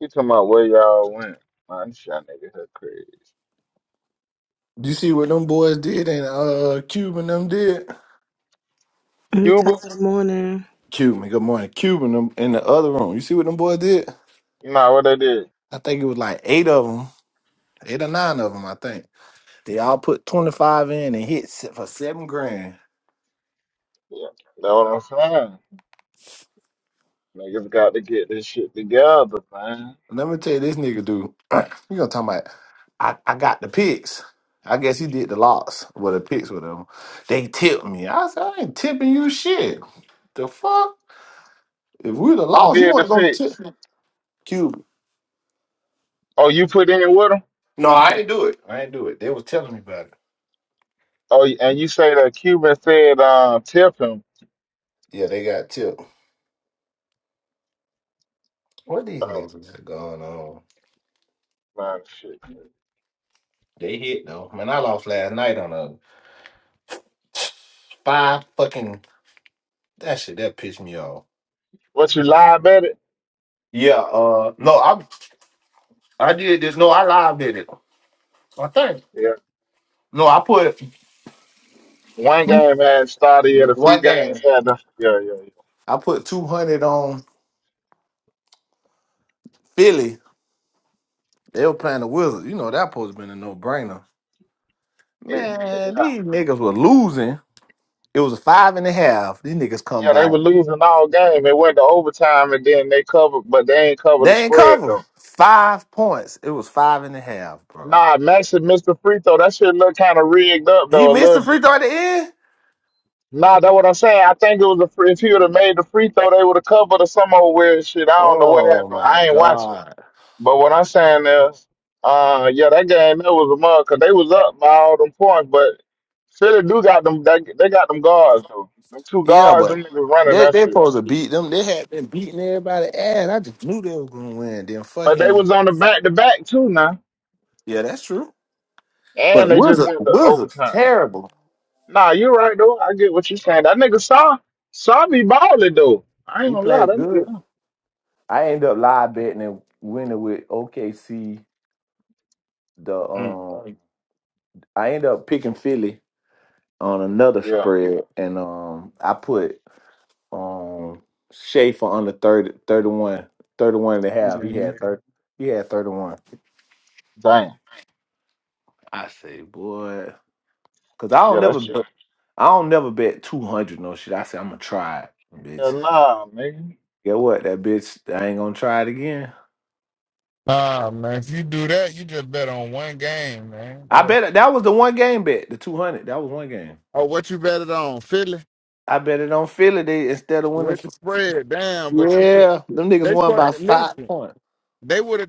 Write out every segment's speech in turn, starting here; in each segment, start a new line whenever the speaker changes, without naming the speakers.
You talking about where y'all went? Man, this y'all niggas are crazy.
You see what them boys did and uh Cuban them did?
Good
Cuba?
morning.
Cuban, good morning. Cuban them in the other room. You see what them boys did?
Nah, what they did?
I think it was like eight of them, eight or nine of them, I think. They all put 25 in and hit se- for seven grand.
Yeah, that's what I'm saying. Niggas got to get this shit together, man.
Let me tell you, this nigga dude, you gonna talk about, I, I got the picks. I guess he did the lots with the picks, whatever. They tipped me. I said, I ain't tipping you shit. The fuck? If we'd have
Who
lost, you
did the
weren't gonna tip
pics?
me. Cuban.
Oh, you put in with them?
No, I ain't do it. I ain't do it. They was telling me about it.
Oh, and you say that Cuban said, uh, tip him.
Yeah, they got tipped. What these
Oh,
niggas got going on?
man, shit.
They hit though. Man, I lost last night on a five fucking that shit that pissed me off.
What, you lie about it?
Yeah, uh no, I I did this. No, I live did it. I think.
Yeah.
No, I put
One game had started, yet a few
one
games
game.
had the. Yeah, yeah, yeah.
I put two hundred on Philly. They were playing the Wizards. You know that supposed to been a no brainer.
It-
Man,
yeah.
these niggas were losing. It was a five and a half. These niggas come
Yeah, they
by.
were losing all game. It went to overtime, and then they covered, but they ain't covered the
They ain't
spread, though.
cover. Five points. It was five and a half, bro.
Nah, Max missed the Free Throw, that shit looked kind of rigged up
He
though a
missed the
little
free
bit.
throw at the end?
Nah, that's what I'm saying. I think it was a free, if he would have made the free throw, they would have covered or some old weird shit. I don't know what
Oh
happened.
my
I ain't watching.
god.
But what I'm saying is, uh, yeah, that game that was a mug 'cause they was up by all them points. But Philly do got them. They, they got them guards though. Them two
Yeah,
guards,
but
them niggas running
they
that
they
shit.
supposed to beat them. They had been beating everybody ass. I just knew they were gonna win. Then
But they
fucking
was on the back to back too now,
Yeah, that's true. But
and they just
Wizards
went to
Wizards
overtime.
terrible.
Nah, you're right though. I get what you're saying. That nigga saw saw me balling though. I ain't
He
gonna lie, that
played good.
nigga.
I end up live betting and winning with OKC. The
Mm,
um, I end up picking Philly on another
yeah.
spread, and um, I put um Schaefer under 30, 31, 31 and a half.
hmm
He had 30, he had 31.
Damn.
I say, boy, cause I don't
Yeah, that
never
shit.
bet, I don't never bet 200 no shit. I say I'm gonna try it,
Yeah,
bitch.
nah, nigga.
Get what? That bitch, I ain't gonna try it again.
Ah man, if you do that, you just bet on one game, man.
I
That would
bet it, that was the one game bet, the 200. That was one game.
oh, what you bet it on? Philly
I bet it on Philly they, instead of winning.
with
f-
the spread, damn. But you should-
Yeah, them niggas
they
won
supposed
by
to
five
listen.
points.
They would have.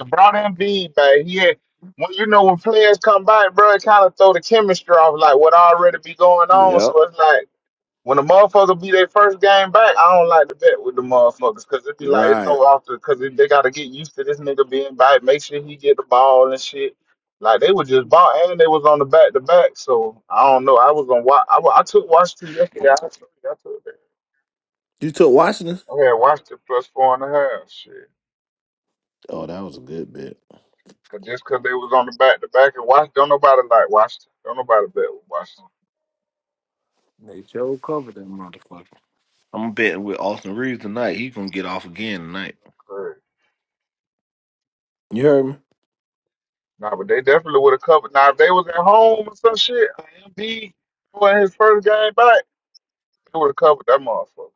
LeBron Embiid, man. He had when you know when players come by, bro, it kind of throw the chemistry off, like what already be going on.
Yep.
So it's like. When the motherfucker be their first game back, I don't like to bet with the motherfuckers because it be like it
Right.
throw off the because they gotta get used to this nigga being back, make sure he get the ball and shit. Like they was just ball and they was on the back to back, so I don't know. I was on watch. I, wa- I took Washington yesterday. I took I took that.
You took Washington?
I had Washington plus four and a half. Shit,
Oh, that was a good bet.
cause just cause they was on the back to back and watch, don't nobody like Washington. Don't nobody bet with Washington.
They sure covered that motherfucker. I'm betting with Austin Reeves tonight. He's gonna get off again tonight.
Crazy.
You heard me?
Nah, but they definitely would have covered. Now if they was at home or some shit, Embiid when his first game back. They would have covered that motherfucker.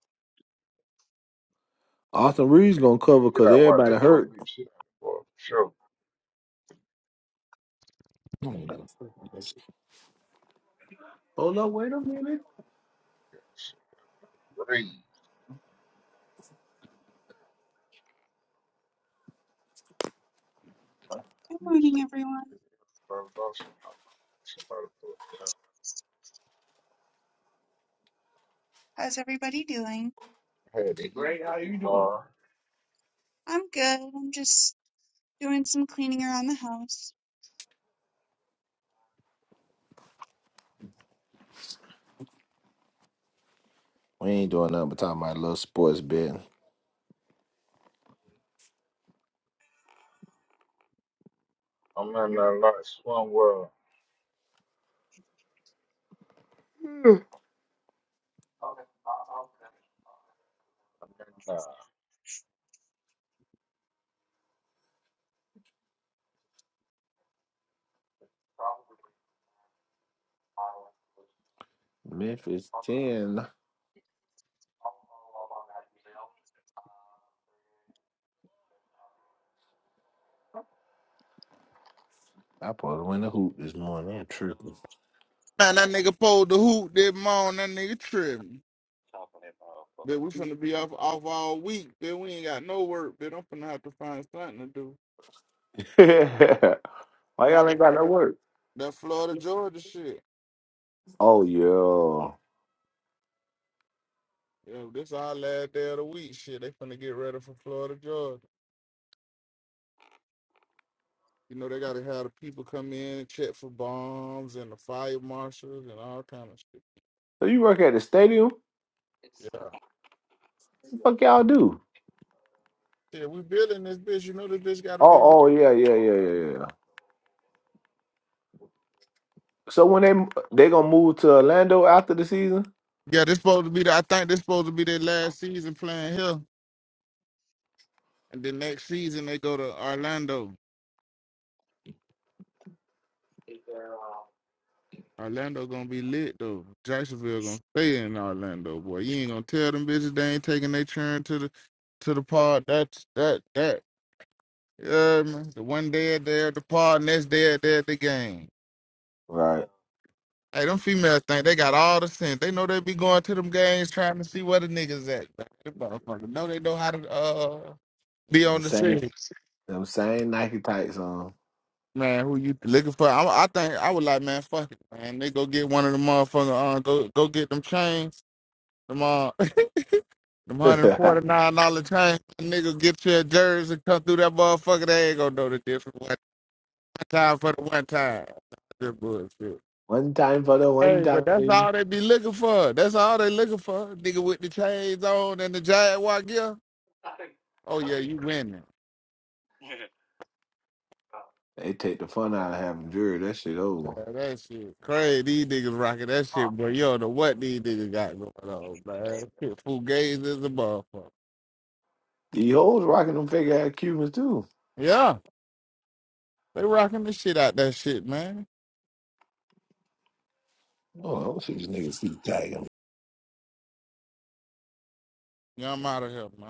Austin
They
Reeves
would
gonna
have beat the
cover
shit
because
out. wide. They
everybody
supposed to
hurt.
beat the shit out of for sure.
Hold up, wait a minute.
That shit crazy.
Good morning,
Shit.
everyone.
Bro, was also. shit like Somebody put it down.
How's everybody doing?
I had the heat,
Great,
the
how
heat
you doing?
bar.
I'm good. I'm just doing some cleaning around the house.
We ain't doing nothing but talking about a little sports betting.
I'm in a lot of swim world. I'm in uh,
Memphis 10. I probably win the hoop this morning. I'm tripping.
Man, that nigga pulled the hoop that morning. That nigga tripping. But we finna be off off all week. But we ain't got no work. But I'm finna have to find something to do.
Why
Nah,
y'all
they
ain't got
got
no
that
work?
that Florida Georgia shit.
Oh, yeah.
You know, this our last day of the week. Shit, they finna get ready for Florida, Georgia. You know, they gotta have the people come in and check for bombs and the fire marshals and all kind of shit.
So you work at the stadium? What
Yeah.
the fuck y'all do?
Yeah, we building this bitch. You know this bitch gotta be re-
Oh, oh, yeah, yeah, yeah, yeah, yeah. So when they they gonna move to Orlando after the season?
Yeah, this supposed to be the, I think this supposed to be their last season playing here. And then next season they go to Orlando. Orlando gonna be lit though. Jacksonville gonna stay in Orlando, boy. You ain't gonna tell them bitches they ain't taking their turn to the to the pod. That's that that Yeah, man. The one day they're at the party, next day they're at the game.
Right.
Hey, them females think they got all the sense. They know they be going to them games trying to see where the niggas at. man. Them motherfuckers know they know how to uh be
I'm
on the
saying,
scene.
I'm saying Nike tights on.
Man, who you looking for? I, I think I would like, man, fuck it, man. They go get one of them motherfucker. Uh, go go get them chains. Them uh, them hundred and forty nine dollar chains. Nigga, get your jersey come through that motherfucker. They ain't gonna know the difference. One time for the one time. Good bullshit.
one time for the one
Hey, but
time.
that's all
They
they be looking for. That's all they looking for. Nigga with the chains on and the Jaguar gear. Oh yeah, you winning.
take the fun out of having jewelry. That shit over.
Yeah, that shit crazy. These niggas rocking that shit, boy. You don't know what these niggas got going on, man. Shit, Fugazi is a motherfucker.
The hoes rocking them fake ass Cubans too.
Yeah, they rocking the shit out that shit, man.
Oh, I don't see these niggas see tight.
Yeah, I'm out of here, man.